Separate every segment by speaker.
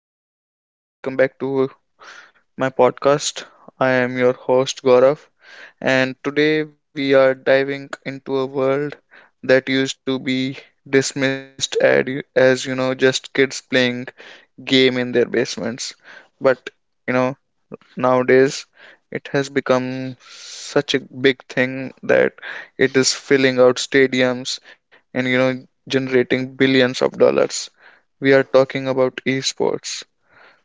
Speaker 1: everyone, and welcome back to my podcast. I am your host, Gaurav, and today we are diving into a world that used to be dismissed as, just kids playing game in their basements. But, you know, nowadays it has become such a big thing that it is filling out stadiums and, generating billions of dollars. We are talking about esports.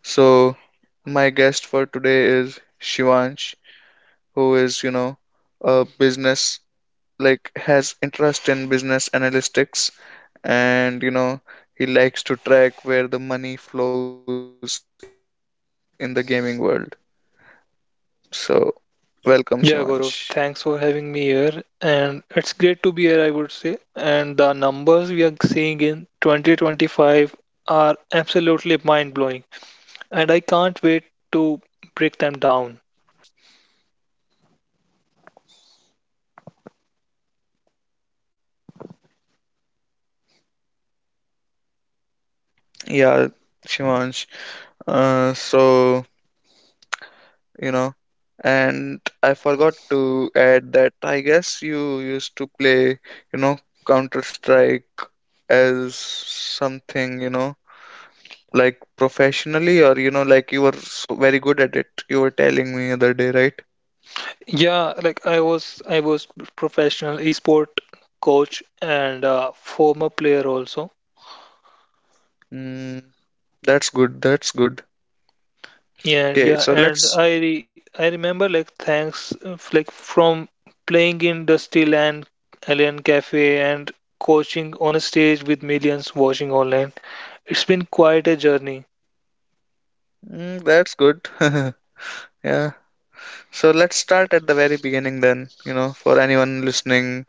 Speaker 1: So, my guest for today is Shivansh, who is, a business, like, has interest in business analytics and, he likes to track where the money flows in the gaming world. So, welcome, Shivansh.
Speaker 2: Yeah, Gaurav, thanks for having me here. And it's great to be here, I would say. And the numbers we are seeing in 2025 are absolutely mind-blowing. And I can't wait to break them down.
Speaker 1: Yeah, Shivansh. Uh, so you know. And I forgot to add that I guess you used to play, you know, Counter Strike as something, like professionally, or like you were so very good at it. You were telling me other day, right?
Speaker 2: Yeah, like I was professional esport coach and former player also.
Speaker 1: Mm, that's good. That's good.
Speaker 2: Yeah,
Speaker 1: Okay,
Speaker 2: yeah,
Speaker 1: so
Speaker 2: and
Speaker 1: let's.
Speaker 2: I remember like thanks like from playing in Dusty Land, Alien Cafe, and coaching on a stage with millions watching online. It's been quite a journey.
Speaker 1: Mm, that's good. Yeah. So let's start at the very beginning then, for anyone listening,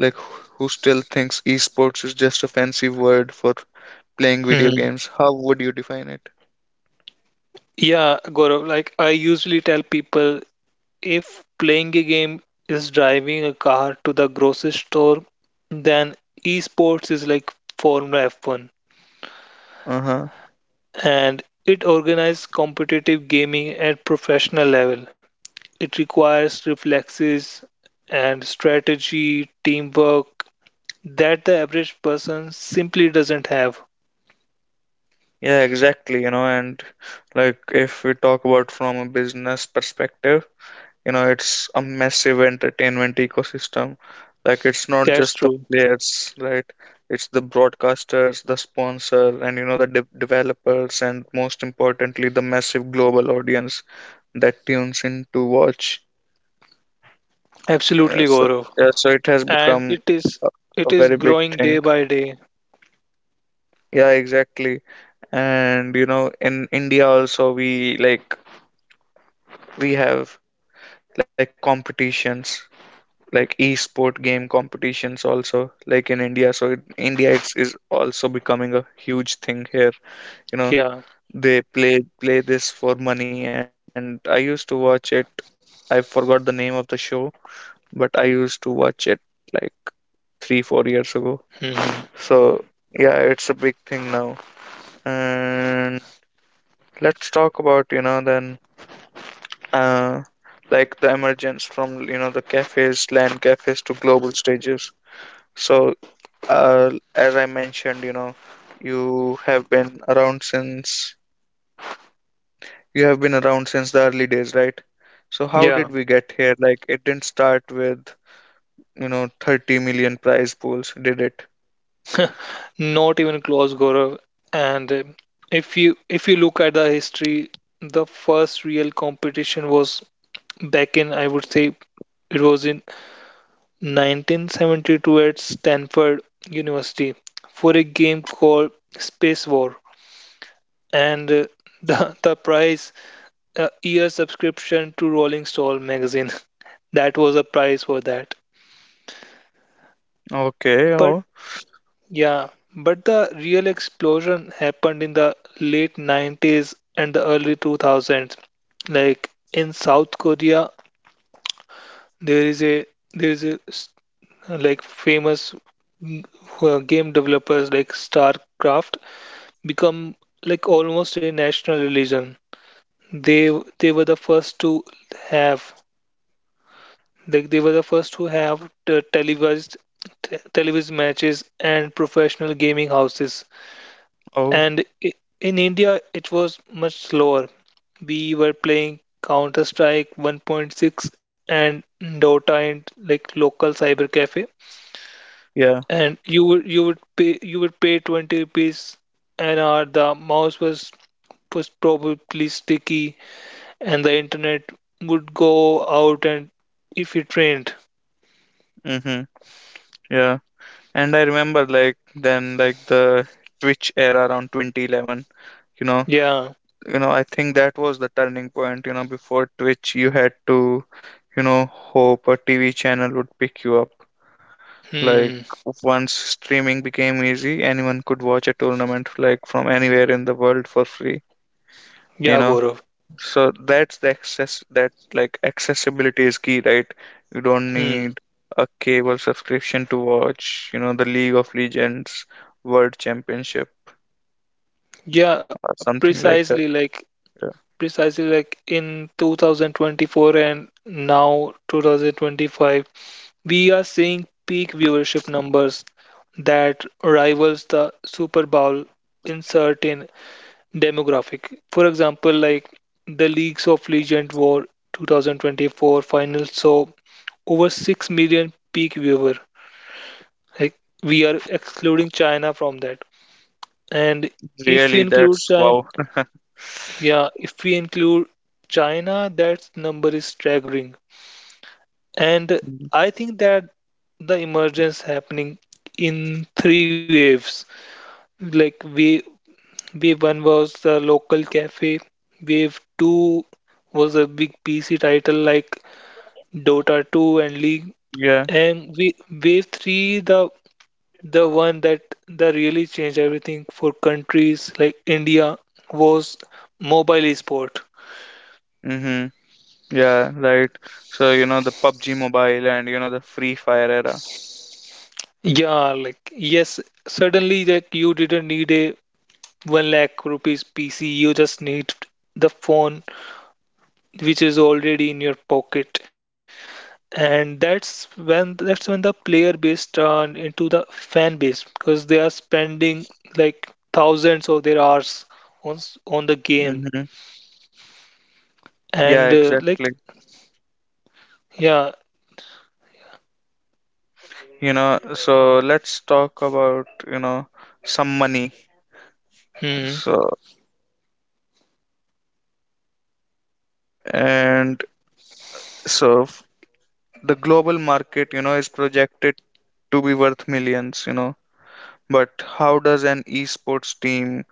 Speaker 1: like who still thinks esports is just a fancy word for playing video
Speaker 2: Hmm.
Speaker 1: games, how would you define it?
Speaker 2: Yeah, Gaurav, like I usually tell people if playing a game is driving a car to the grocery store, then esports is like Formula F1,
Speaker 1: Uh-huh.
Speaker 2: and it organizes competitive gaming at professional level. It requires reflexes and strategy, teamwork that the average person simply doesn't have.
Speaker 1: Yeah, exactly, and like if we talk about from a business perspective, it's a massive entertainment ecosystem. Like, it's not
Speaker 2: That's
Speaker 1: just the
Speaker 2: true.
Speaker 1: players, right? It's the broadcasters, the sponsor, and, the de developers, and most importantly, the massive global audience that tunes in to watch.
Speaker 2: Absolutely,
Speaker 1: Yeah, so,
Speaker 2: Gaurav.
Speaker 1: yeah, so it has
Speaker 2: And
Speaker 1: become
Speaker 2: it
Speaker 1: a,
Speaker 2: is it
Speaker 1: very
Speaker 2: is
Speaker 1: big
Speaker 2: growing
Speaker 1: thing.
Speaker 2: day by day.
Speaker 1: Yeah, exactly. And in India also we like we have like competitions, like e-sport game competitions, also like in India. So it, India, it's is also becoming a huge thing here, you know.
Speaker 2: Yeah.
Speaker 1: They play this for money and I used to watch it. I forgot the name of the show, but I used to watch it like 3-4 years ago.
Speaker 2: Hmm.
Speaker 1: So yeah, it's a big thing now. And let's talk about, then, uh, like the emergence from, the cafes, land cafes, to global stages. So, uh, as I mentioned, you have been around since you have been around since the early days, right? So how
Speaker 2: Yeah.
Speaker 1: did we get here? Like, it didn't start with, 30 million prize pools, did it?
Speaker 2: Not even close, Gaurav. And if you look at the history, the first real competition was back in, I would say, it was in 1972 at Stanford University for a game called Space War, and the prize, a year subscription to Rolling Stone magazine. That was a prize for that.
Speaker 1: Okay,
Speaker 2: But
Speaker 1: oh,
Speaker 2: yeah, but the real explosion happened in the late 90s and the early 2000s. Like in South Korea, there is a there is a s- like famous, mm, game developers like StarCraft become like almost a national religion. They they were the first to have the televised, televised matches and professional gaming houses.
Speaker 1: oh,
Speaker 2: And in India, it was much slower. We were playing Counter Strike 1.6 and Dota in like local cyber cafe,
Speaker 1: yeah,
Speaker 2: and you would pay 20 rupees an hour. The mouse was probably sticky, and the internet would go out and if it rained.
Speaker 1: mm-hmm, yeah. And I remember, like then, like the Twitch era around 2011, you know.
Speaker 2: Yeah.
Speaker 1: I think that was the turning point. Before Twitch, you had to, you know hope a TV channel would pick you up. Like,
Speaker 2: Hmm.
Speaker 1: once streaming became easy, anyone could watch a tournament, like, from anywhere in the world for free, you
Speaker 2: Yeah,
Speaker 1: know.
Speaker 2: Gaurav.
Speaker 1: So that's the access. That like accessibility is key, right? You don't
Speaker 2: Hmm.
Speaker 1: need a cable subscription to watch, the League of Legends World Championship
Speaker 2: Yeah,
Speaker 1: or something
Speaker 2: precisely
Speaker 1: like that.
Speaker 2: like
Speaker 1: Yeah.
Speaker 2: precisely like in 2024 and now 2025, we are seeing peak viewership numbers that rivals the Super Bowl in certain demographic. For example, like the Leagues of Legend War 2024 finals saw over 6 million peak viewer. Like we are excluding China from that. And if you
Speaker 1: Really,
Speaker 2: include
Speaker 1: that's
Speaker 2: China,
Speaker 1: wow.
Speaker 2: yeah, if we include China, that number is staggering. And I think that the emergence happening in three waves. Like wave one was the local cafe, wave two was a big PC title like Dota 2 and League,
Speaker 1: Yeah.
Speaker 2: and wave three, the one that really changed everything for countries like India, was mobile esport.
Speaker 1: Mm-hmm. Yeah, right. So, the PUBG Mobile and, the Free Fire era.
Speaker 2: Yeah, like yes, suddenly like you didn't need a one lakh rupees PC. You just need the phone which is already in your pocket, and that's when the player base turned into the fan base, because they are spending like thousands of their hours on the game
Speaker 1: Mm-hmm. Yeah,
Speaker 2: and like
Speaker 1: exactly.
Speaker 2: yeah.
Speaker 1: So let's talk about, some money.
Speaker 2: Hmm.
Speaker 1: So, and so the global market, is projected to be worth millions, you know. But how does an esports team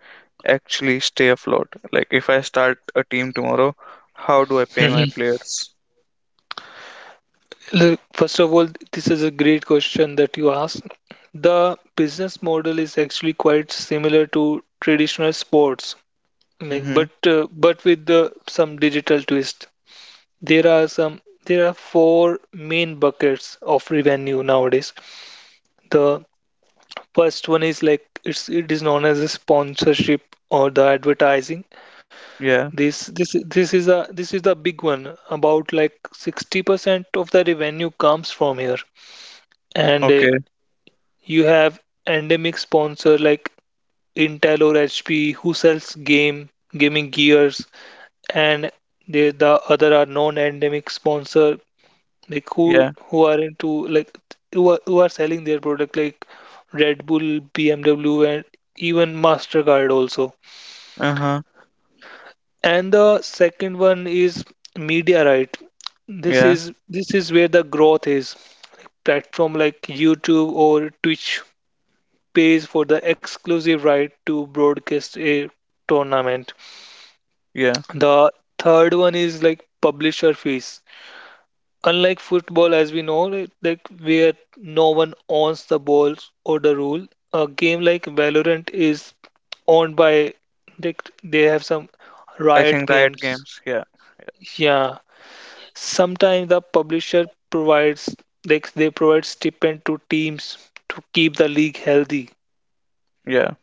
Speaker 1: actually stay afloat? Like, if I start a team tomorrow, how do I pay my players?
Speaker 2: Look, first of all, this is a great question that you asked. The business model is actually quite similar to traditional sports, like,
Speaker 1: Mm-hmm.
Speaker 2: but with some digital twist. There are some there are four main buckets of revenue nowadays. The first one is like it is known as a sponsorship or the advertising.
Speaker 1: Yeah.
Speaker 2: This is the big one. About like 60% of the revenue comes from here, and
Speaker 1: Okay.
Speaker 2: you have endemic sponsor like Intel or HP who sells game gaming gears, and the other are non-endemic sponsor, like
Speaker 1: Yeah.
Speaker 2: who are into like who are selling their product, like Red Bull, BMW, and even Mastercard also.
Speaker 1: Uh-huh.
Speaker 2: And the second one is media right. This
Speaker 1: Yeah.
Speaker 2: is this is where the growth is. Platform like YouTube or Twitch pays for the exclusive right to broadcast a tournament.
Speaker 1: Yeah.
Speaker 2: The third one is like publisher fees. Unlike football, as we know, like where no one owns the balls or the rule, a game like Valorant is owned by like they have some
Speaker 1: I
Speaker 2: Riot
Speaker 1: think Riot
Speaker 2: Games.
Speaker 1: Games, yeah.
Speaker 2: Yeah, sometimes the publisher provides like they provide stipend to teams to keep the league healthy.
Speaker 1: Yeah.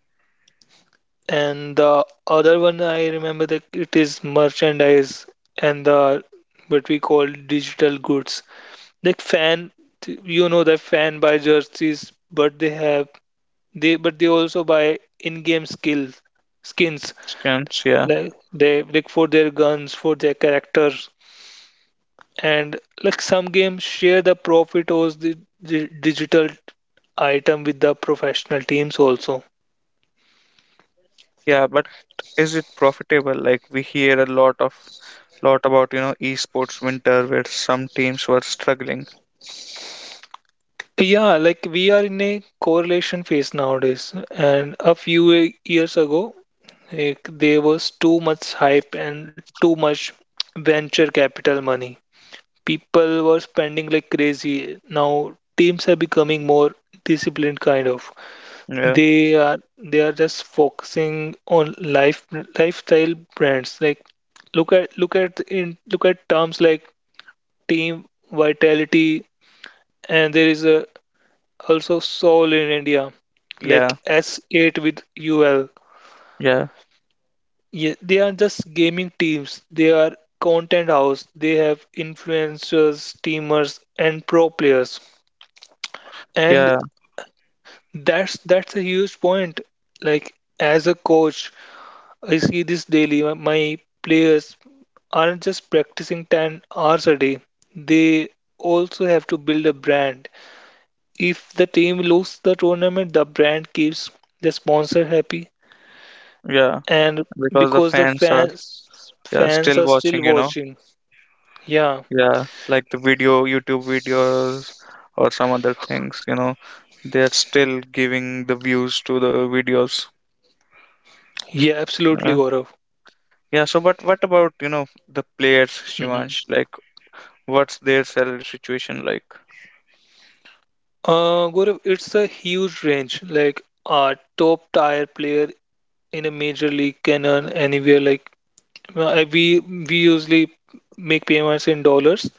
Speaker 2: And the other one I remember, that it is merchandise and the, what we call, digital goods. Like fan, you know that fan buy jerseys, but they also buy in-game skills skins,
Speaker 1: Skins, yeah.
Speaker 2: like they like for their guns, for their characters, and like some games share the profit of the digital item with the professional teams also.
Speaker 1: Yeah. But is it profitable? Like, we hear a lot of, lot about, esports winter where some teams were struggling.
Speaker 2: Yeah, like we are in a correlation phase nowadays, and a few years ago, like, there was too much hype and too much venture capital money. People were spending like crazy. Now teams are becoming more disciplined, kind of.
Speaker 1: Yeah,
Speaker 2: They are just focusing on lifestyle brands. Like look at terms like team vitality, and there is a also Soul in India,
Speaker 1: yeah,
Speaker 2: like S8 with UL.
Speaker 1: yeah,
Speaker 2: Yeah, they are just gaming teams. They are content house. They have influencers, streamers, and pro players. And
Speaker 1: yeah,
Speaker 2: that's a huge point. Like as a coach, I see this daily. My players aren't just practicing 10 hours a day. They also have to build a brand. If the team loses the tournament, the brand keeps the sponsor happy,
Speaker 1: yeah.
Speaker 2: and
Speaker 1: Because the
Speaker 2: because the
Speaker 1: fans are
Speaker 2: fans
Speaker 1: yeah,
Speaker 2: fans
Speaker 1: still
Speaker 2: are still
Speaker 1: watching.
Speaker 2: watching. Yeah,
Speaker 1: Yeah, like the video, YouTube videos, or some other things. They're still giving the views to the videos.
Speaker 2: yeah, absolutely,
Speaker 1: Yeah.
Speaker 2: Gaurav.
Speaker 1: Yeah, so but what about, the players,
Speaker 2: Mhm.
Speaker 1: Shivansh? Like, what's their salary situation like?
Speaker 2: Gaurav, it's a huge range. Like a top tier player in a major league can earn anywhere. We usually make payments in dollars,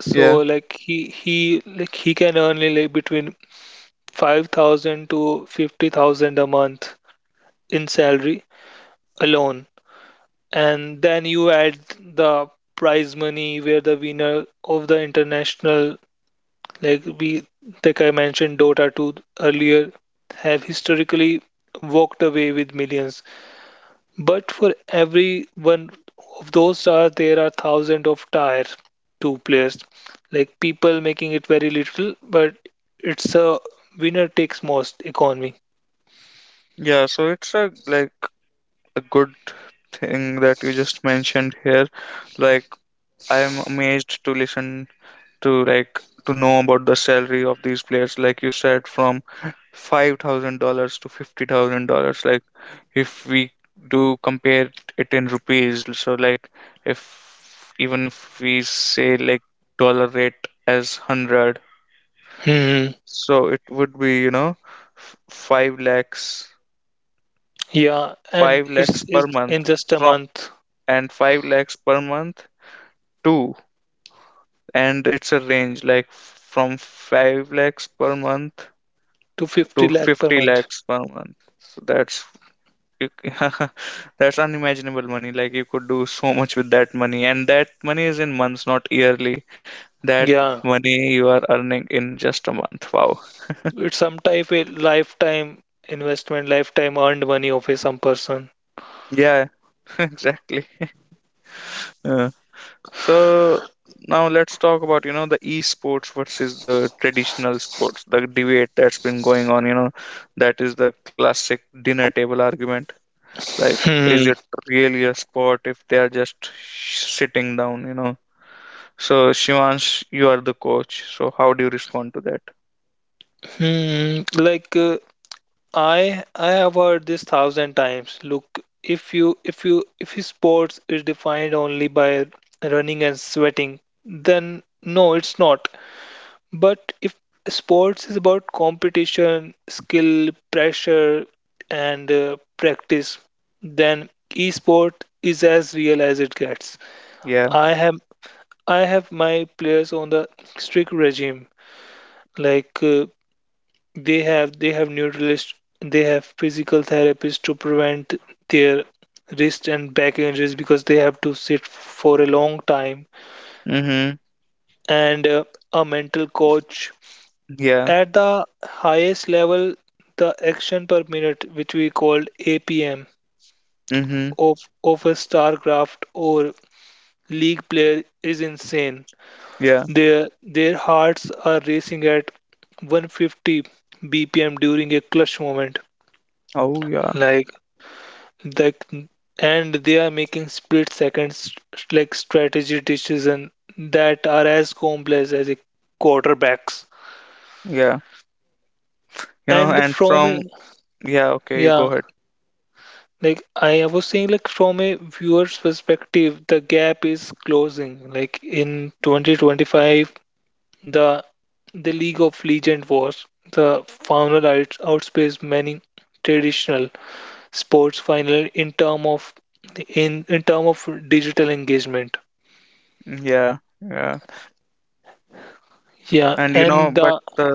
Speaker 2: so
Speaker 1: Yeah.
Speaker 2: like he can earn like between 5,000 to 50,000 a month in salary alone. And then you add the prize money, where the winner of the international, like we like I mentioned, Dota 2 earlier, have historically walked away with millions. But for every one of those stars there are thousands of tier 2 players, like people making it very little, but it's a winner takes most economy.
Speaker 1: Yeah, so it's a like a good thing that you just mentioned here. Like, I am amazed to listen to, to know about the salary of these players. Like you said, from $5,000 to $50,000. Like, if we do compare it in rupees, so, like, if even if we say like dollar rate as hundred.
Speaker 2: Hmm.
Speaker 1: So it would be, 5 lakhs,
Speaker 2: Yeah, and
Speaker 1: 5
Speaker 2: it's,
Speaker 1: lakhs per
Speaker 2: it's
Speaker 1: month
Speaker 2: in just a
Speaker 1: from,
Speaker 2: month,
Speaker 1: and 5 lakhs per month to, and it's a range, like, from 5 lakhs per month
Speaker 2: to
Speaker 1: to
Speaker 2: 50 lakh per
Speaker 1: 50
Speaker 2: month,
Speaker 1: lakhs per month. So that's you, that's unimaginable money. Like, you could do so much with that money, and that money is in months, not yearly. That
Speaker 2: yeah.
Speaker 1: money you are earning in just a month. Wow.
Speaker 2: It's some type a lifetime investment, lifetime earned money of a some person.
Speaker 1: Yeah, exactly. So now let's talk about, the esports versus the traditional sports, the debate that's been going on, that is the classic dinner table argument. Like, is
Speaker 2: Hmm.
Speaker 1: it really a sport if they are just sitting down, you know? So, Shivansh, you are the coach. So, how do you respond to that?
Speaker 2: Hmm. I have heard this thousand times. Look, if you if you if you sports is defined only by running and sweating, then no, it's not. But if sports is about competition, skill, pressure, and practice, then esport is as real as it gets.
Speaker 1: Yeah.
Speaker 2: I have I have my players on the strict regime. Like uh, they have neutralists, they have physical therapists to prevent their wrist and back injuries because they have to sit for a long time,
Speaker 1: Mm-hmm.
Speaker 2: and a mental coach.
Speaker 1: Yeah.
Speaker 2: At the highest level, the action per minute, which we call APM,
Speaker 1: Mm-hmm.
Speaker 2: of of a StarCraft or League player is insane.
Speaker 1: Yeah.
Speaker 2: Their hearts are racing at 150 BPM during a clutch moment.
Speaker 1: Oh, yeah.
Speaker 2: Like that, and they are making split seconds, like strategy decisions that are as complex as a quarterback's.
Speaker 1: Yeah. You know,
Speaker 2: And
Speaker 1: and from, yeah, okay, you go
Speaker 2: yeah,
Speaker 1: ahead.
Speaker 2: like I was saying, like from a viewer's perspective, the gap is closing. Like in 2025, The the League of Legends was the final, outspaced many traditional sports final in term of, in term of digital engagement.
Speaker 1: Yeah. Yeah.
Speaker 2: Yeah,
Speaker 1: And,
Speaker 2: and
Speaker 1: but
Speaker 2: the,
Speaker 1: the.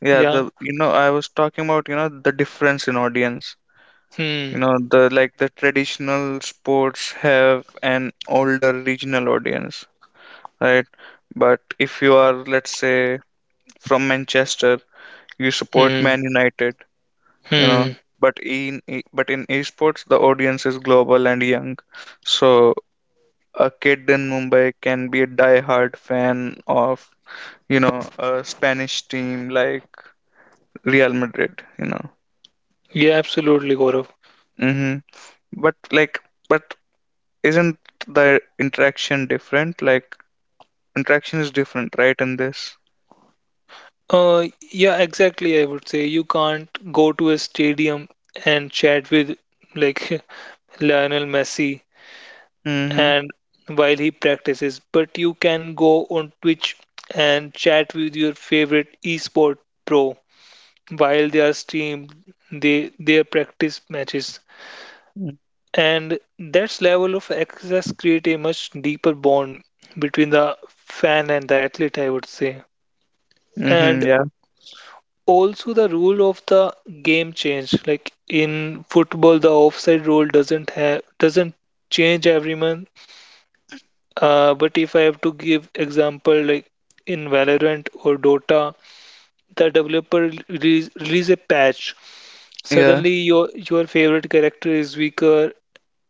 Speaker 1: Yeah, the,
Speaker 2: yeah.
Speaker 1: I was talking about, the difference in audience.
Speaker 2: Hmm.
Speaker 1: The, like, the traditional sports have an older regional audience, right? But if you are, let's say, from Manchester, you support
Speaker 2: Hmm.
Speaker 1: Man United, you know.
Speaker 2: Hmm.
Speaker 1: But in but in esports, the audience is global and young. So a kid in Mumbai can be a die-hard fan of, a Spanish team like Real Madrid, you know.
Speaker 2: Yeah, absolutely, Gaurav.
Speaker 1: Mm-hmm. But like, but isn't the interaction different? Like, interaction is different, right? In this.
Speaker 2: Uh, yeah, exactly. I would say you can't go to a stadium and chat with, like, Lionel Messi
Speaker 1: Mm-hmm.
Speaker 2: and while he practices, but you can go on Twitch and chat with your favorite esport pro while they are streamed, their practice matches, and that level of access creates a much deeper bond between the fan and the athlete, I would say.
Speaker 1: Mm-hmm.
Speaker 2: And
Speaker 1: Yeah.
Speaker 2: also the rule of the game changed, like in football the offside rule doesn't change every month. But if I have to give example like in Valorant or Dota, the developer release a patch.
Speaker 1: Yeah.
Speaker 2: Suddenly your favorite character is weaker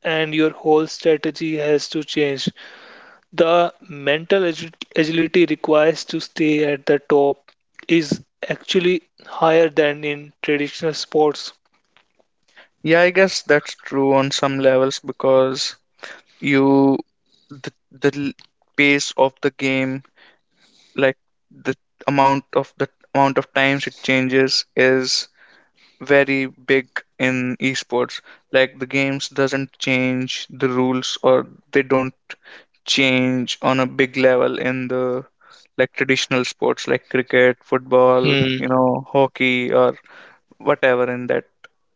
Speaker 2: and your whole strategy has to change. The mental agility requires to stay at the top is actually higher than in traditional sports.
Speaker 1: Yeah. I guess that's true on some levels because, you the, pace of the game, like, the amount of times it changes, is very big in esports. Like, the games doesn't change the rules, or they don't change on a big level in the, like, traditional sports like cricket, football,
Speaker 2: Hmm.
Speaker 1: hockey or whatever in that,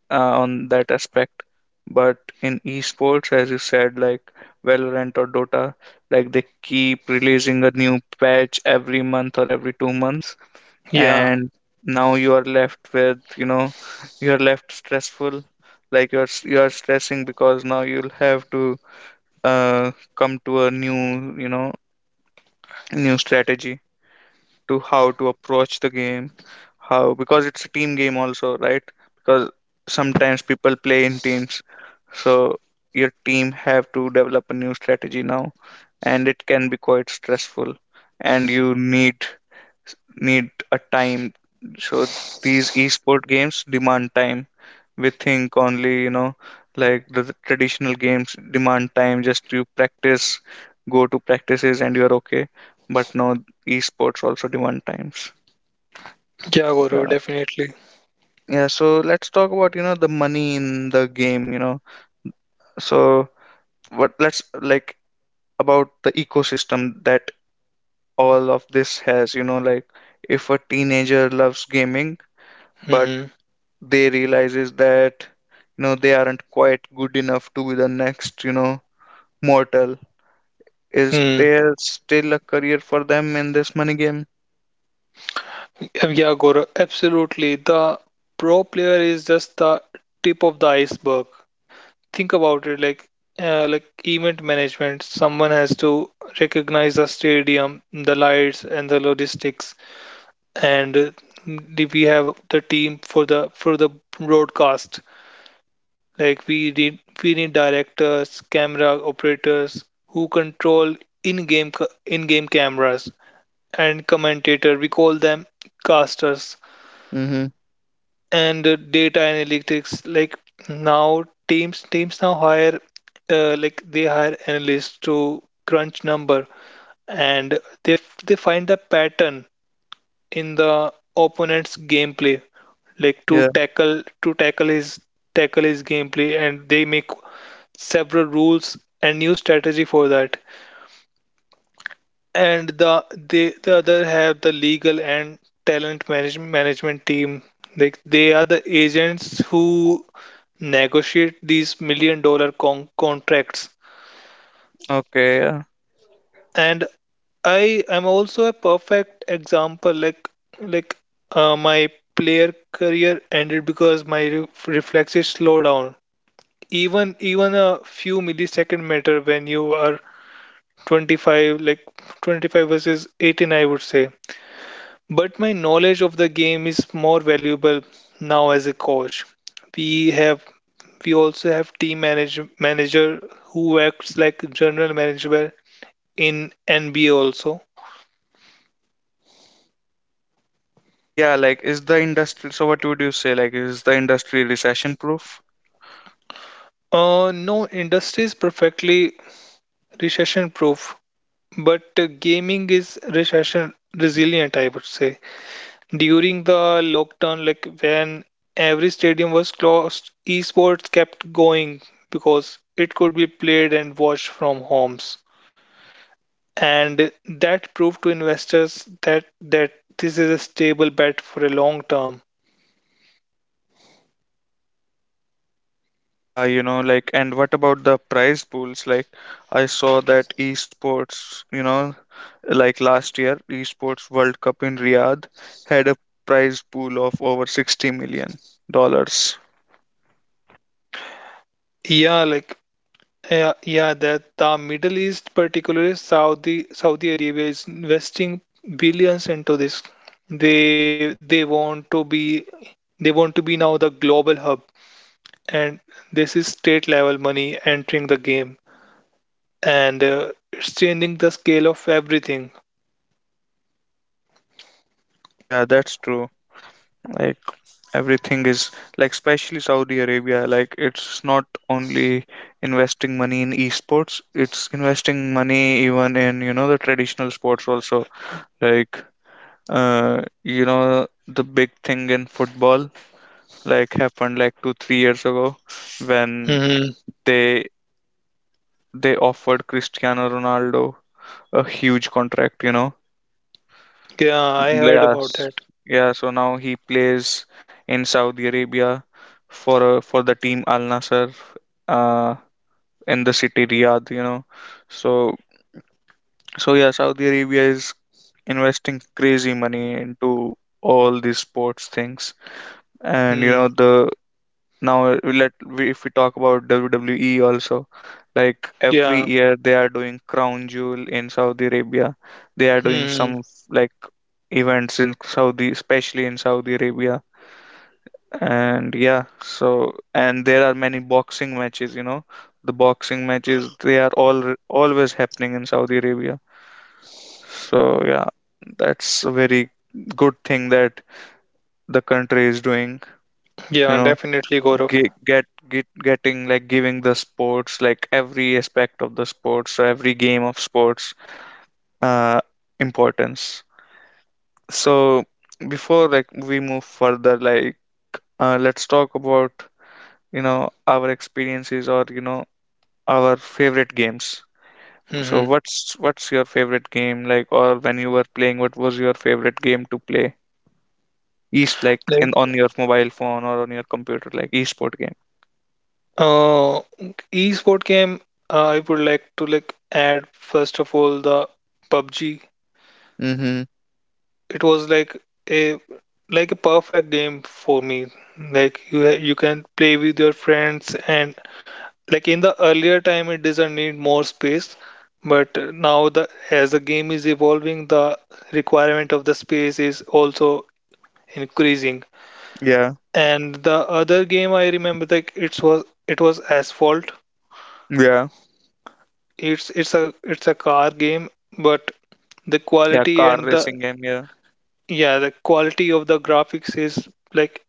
Speaker 1: on that aspect. But in esports, as you said, like Valorant or Dota, like they keep releasing a new patch every month or every 2 months,
Speaker 2: Yeah.
Speaker 1: and now you are left with, you are left stressful. Like, you're you're stressing because now you'll have to uh come to a new, new strategy to how to approach the game. How? Because it's a team game also, right? Because sometimes people play in teams. So your team have to develop a new strategy now, and it can be quite stressful, and you need, need a time. So these esport games demand time. We think only, like, the traditional games demand time just to practice, go to practices and you're okay. But no, esports also demand times.
Speaker 2: Yeah, Gaurav,
Speaker 1: Yeah.
Speaker 2: definitely.
Speaker 1: Yeah, so let's talk about, the money in the game, you know. So what? Let's, like, about the ecosystem that all of this has, like if a teenager loves gaming, but
Speaker 2: Mm-hmm.
Speaker 1: they realizes that, they aren't quite good enough to be the next, mortal. Is
Speaker 2: Hmm.
Speaker 1: there still a career for them in this money game?
Speaker 2: Yeah, Gaurav, absolutely. The pro player is just the tip of the iceberg. Think about it, like event management. Someone has to recognize the stadium, the lights, and the logistics, and we have the team for the broadcast. Like we need directors, camera operators who control in-game, cameras and commentator. We call them casters
Speaker 1: Mm-hmm.
Speaker 2: and data analytics. Like now teams now hire like they hire analysts to crunch number and they find the pattern in the opponent's gameplay, like
Speaker 1: Yeah.
Speaker 2: to tackle his gameplay, and they make several rules and new strategy for that. And the other have the legal and management team. Like they are the agents who negotiate these $1 million contracts.
Speaker 1: Okay. Yeah.
Speaker 2: And I am also a perfect example. Like my player career ended because my reflexes slow down. Even a few millisecond matter when you are 25. Like 25 versus 18, I would say. But my knowledge of the game is more valuable now as a coach. We have we also have team manager who acts like general manager in NBA also.
Speaker 1: Yeah. Like, is the industry? So, what would you say? Like, is the industry recession proof?
Speaker 2: No industry is perfectly recession proof, but gaming is recession resilient, I would say. During the lockdown, like when every stadium was closed, esports kept going because it could be played and watched from homes. And that proved to investors that this is a stable bet for a long term.
Speaker 1: Yeah, like, and what about the prize pools? Like, I saw that esports, like last year, esports World Cup in Riyadh had a prize pool of over 60 million dollars.
Speaker 2: Yeah, like yeah, that the Middle East, particularly Saudi Arabia, is investing billions into this. They want to be now the global hub, and this is state level money entering the game, and it's changing the scale of everything.
Speaker 1: Yeah, that's true. Like, everything is, like, especially Saudi Arabia, like it's not only investing money in esports, it's investing money even in, the traditional sports also. Like, the big thing in football, like, happened like 2 3 years ago, when
Speaker 2: Hmm.
Speaker 1: they they offered Cristiano Ronaldo a huge contract, you know.
Speaker 2: Yeah, I heard about
Speaker 1: Yes.
Speaker 2: that.
Speaker 1: Yeah, so now he plays in Saudi Arabia for, for the team Al Nassr, uh, in the city Riyadh, you know. So, so yeah, Saudi Arabia is investing crazy money into all these sports things. And
Speaker 2: Mm.
Speaker 1: the now, let we, if we talk about WWE also, like every
Speaker 2: Yeah.
Speaker 1: year they are doing Crown Jewel in Saudi Arabia. They are doing
Speaker 2: Hmm.
Speaker 1: some, like, events in Saudi, especially in Saudi Arabia. And yeah, so and there are many boxing matches, you know. The boxing matches they are all always happening in Saudi Arabia. So yeah, that's a very good thing that the country is doing, you
Speaker 2: Yeah,
Speaker 1: know,
Speaker 2: definitely, Gaurav.
Speaker 1: getting, like, giving the sports, like, every aspect of the sports, so every game of sports, uh importance. So before, like, we move further, like, let's talk about, our experiences, or our favorite games. So
Speaker 2: Mm-hmm.
Speaker 1: what's your favorite game, like, or when you were playing, what was your favorite game to play? East, like,
Speaker 2: Like,
Speaker 1: in on your mobile phone or on your computer, like, e-sport game.
Speaker 2: uh, e-sport game, I would like to like add first of all the PUBG.
Speaker 1: Mm-hmm.
Speaker 2: It was a like a perfect game for me. Like you can play with your friends, and like in the earlier time it doesn't need more space, but now the as the game is evolving, the requirement of the space is also increasing.
Speaker 1: Yeah,
Speaker 2: And the other game I remember, like it was Asphalt.
Speaker 1: yeah,
Speaker 2: It's a car game, but the
Speaker 1: yeah.
Speaker 2: quality
Speaker 1: Car
Speaker 2: and the,
Speaker 1: racing game. Yeah.
Speaker 2: yeah, the quality of the graphics is like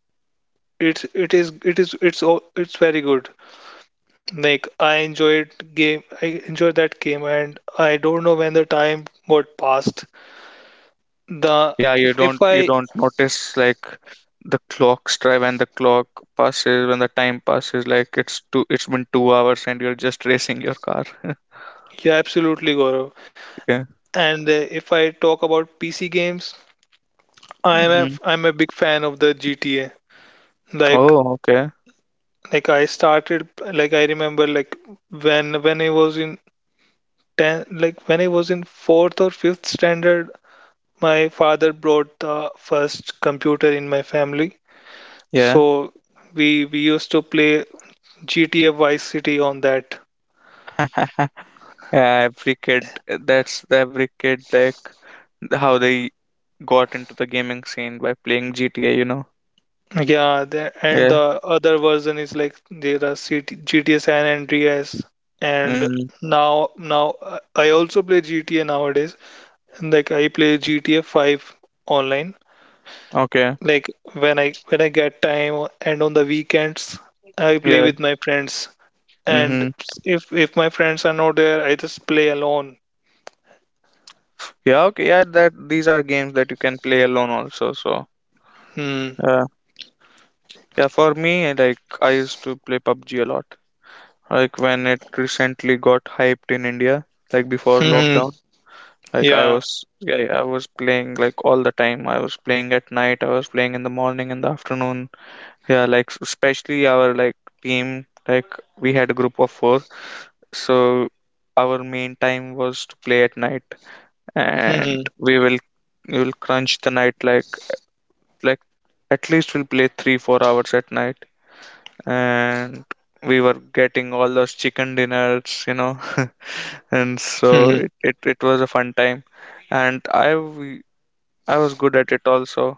Speaker 2: it's it is it's all it's very good. Like I enjoyed that game and I don't know when the time got passed. The
Speaker 1: Yeah,
Speaker 2: if
Speaker 1: you
Speaker 2: I
Speaker 1: don't notice, like, the clock strike when the clock passes, when the time passes, like, it's two, it's been 2 hours and you're just racing your car.
Speaker 2: Yeah, absolutely, Gaurav.
Speaker 1: Yeah.
Speaker 2: And if I talk about PC games, I'm
Speaker 1: Hmm.
Speaker 2: a big fan of the GTA. Like
Speaker 1: Oh, okay.
Speaker 2: Like I started, like I remember, like when I was in ten, like when I was in fourth or fifth standard, my father brought the first computer in my family.
Speaker 1: Yeah.
Speaker 2: So we used to play GTA Vice City on that.
Speaker 1: Yeah, every kid, that's every kid, like, how they got into the gaming scene by playing GTA, you know.
Speaker 2: Yeah, and
Speaker 1: Yeah.
Speaker 2: the other version is like there are CT, GTA San Andreas, and
Speaker 1: Hmm.
Speaker 2: now I also play GTA nowadays. And like I play GTA 5 online.
Speaker 1: Okay.
Speaker 2: Like when I get and on the weekends, I play
Speaker 1: Yeah.
Speaker 2: with my friends. And
Speaker 1: Hmm.
Speaker 2: if my friends are not there, I just play alone.
Speaker 1: Yeah, okay. Yeah, that these are games that you can play alone also, so
Speaker 2: Hmm.
Speaker 1: yeah. Yeah, for me, like, I used to play PUBG a lot. Like, when it recently got hyped in India, like before
Speaker 2: Hmm.
Speaker 1: lockdown, like I
Speaker 2: Yeah.
Speaker 1: was, yeah, I was playing, like, all the time. I was playing at night, I was playing in the morning, in the afternoon. Yeah, like, especially our, like, team, like we had a group of four. So our main time was to play at night, and
Speaker 2: Hmm.
Speaker 1: we will crunch the night, like at least we'll play three, 4 hours at night, and we were getting all those chicken dinners, you know. And so
Speaker 2: Hmm.
Speaker 1: it was a fun time, and I I was good at it also.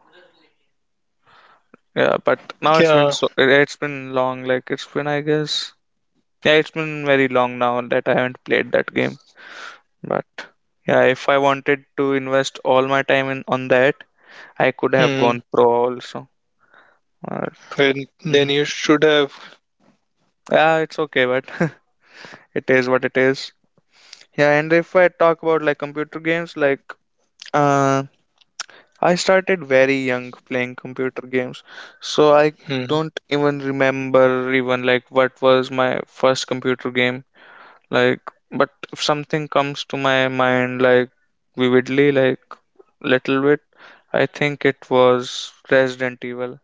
Speaker 1: Yeah, but now it's
Speaker 2: Yeah.
Speaker 1: been, so it's been long. Like, it's been, I guess, yeah, it's been very long now that I haven't played that game. But yeah, if I wanted to invest all my time in on that, I could have
Speaker 2: Hmm.
Speaker 1: gone pro also. uh,
Speaker 2: Then
Speaker 1: mhm.
Speaker 2: you should have.
Speaker 1: Yeah, it's okay, but it is what it is. Yeah. And if I talk about like computer games, like, uh I started very young playing computer games, so I
Speaker 2: Hmm.
Speaker 1: don't even remember even, like, what was my first computer game. Like, but if something comes to my mind, like, vividly, like, little bit, I think it was Resident Evil.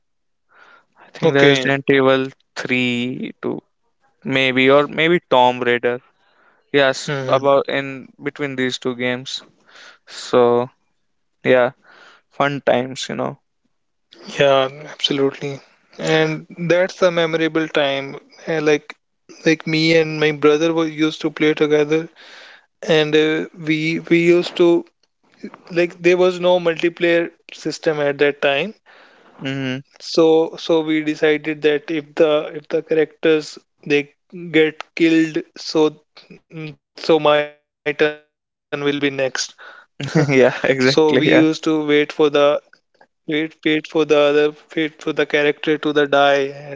Speaker 1: I think
Speaker 2: Okay.
Speaker 1: Resident Evil 3 to, maybe, or maybe Tomb Raider. Yes,
Speaker 2: Hmm.
Speaker 1: about in between these two games. So, yeah, fun times, you know.
Speaker 2: Yeah, absolutely. And that's a memorable time. And me and my brother were used to play together, and we used to, like there was no multiplayer system at that time,
Speaker 1: Hmm.
Speaker 2: so so we decided that if the characters they get killed, so so my turn will be next. So we used to
Speaker 1: Yeah, exactly. Yeah.
Speaker 2: wait for the character to the die, and when we get our turn.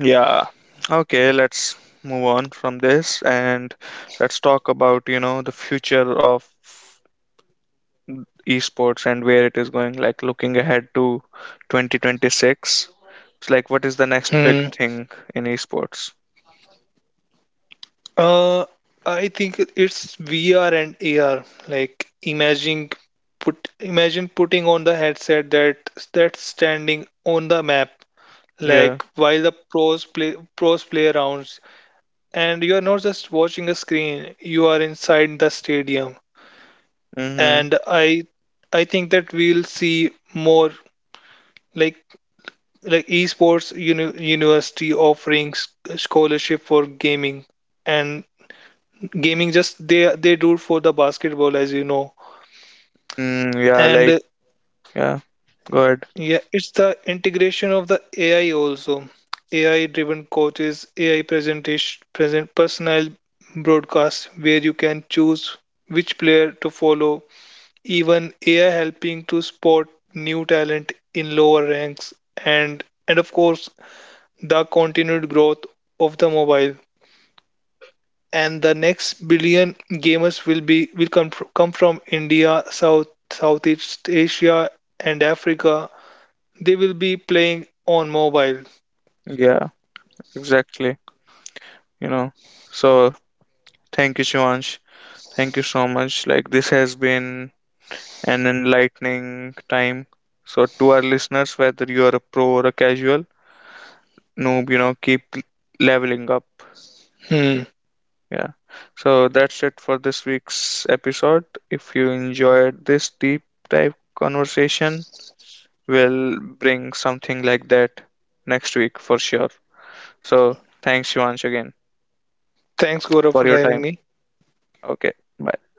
Speaker 1: Yeah. Okay, let's move on from this and let's talk about, the future of esports and where it is going, like, looking ahead to 2026. It's like what is the next
Speaker 2: Hmm.
Speaker 1: big thing in esports?
Speaker 2: uh I think it's VR and AR. Like imagine putting on the headset that's standing on the map,
Speaker 1: Yeah.
Speaker 2: like while the pros play rounds, and you are not just watching a screen, you are inside the stadium.
Speaker 1: Mm-hmm.
Speaker 2: And I think that we'll see more, like like esports university offering scholarship for gaming. And gaming, just they do it for the basketball, as you know.
Speaker 1: Mm, yeah, like,
Speaker 2: And
Speaker 1: yeah. Good.
Speaker 2: yeah, it's the integration of the AI also. AI-driven coaches, AI presentation, present personal broadcast where you can choose which player to follow. Even AI helping to spot new talent in lower ranks, and of course the continued growth of the mobile. And the next billion gamers will be will come come from India, Southeast Asia, and Africa. They will be playing on mobile.
Speaker 1: Yeah, exactly. You know. So, thank you, Shivansh. Thank you so much. Like, this has been an enlightening time. So, to our listeners, whether you are a pro or a casual noob, keep leveling up.
Speaker 2: Hmm.
Speaker 1: Yeah. So, that's it for this week's episode. If you enjoyed this deep dive conversation, we'll bring something like that next week for sure. So, thanks, Shivansh, again
Speaker 2: Thanks, Gaurav,
Speaker 1: for
Speaker 2: for
Speaker 1: your
Speaker 2: having
Speaker 1: time.
Speaker 2: me.
Speaker 1: Okay. Bye.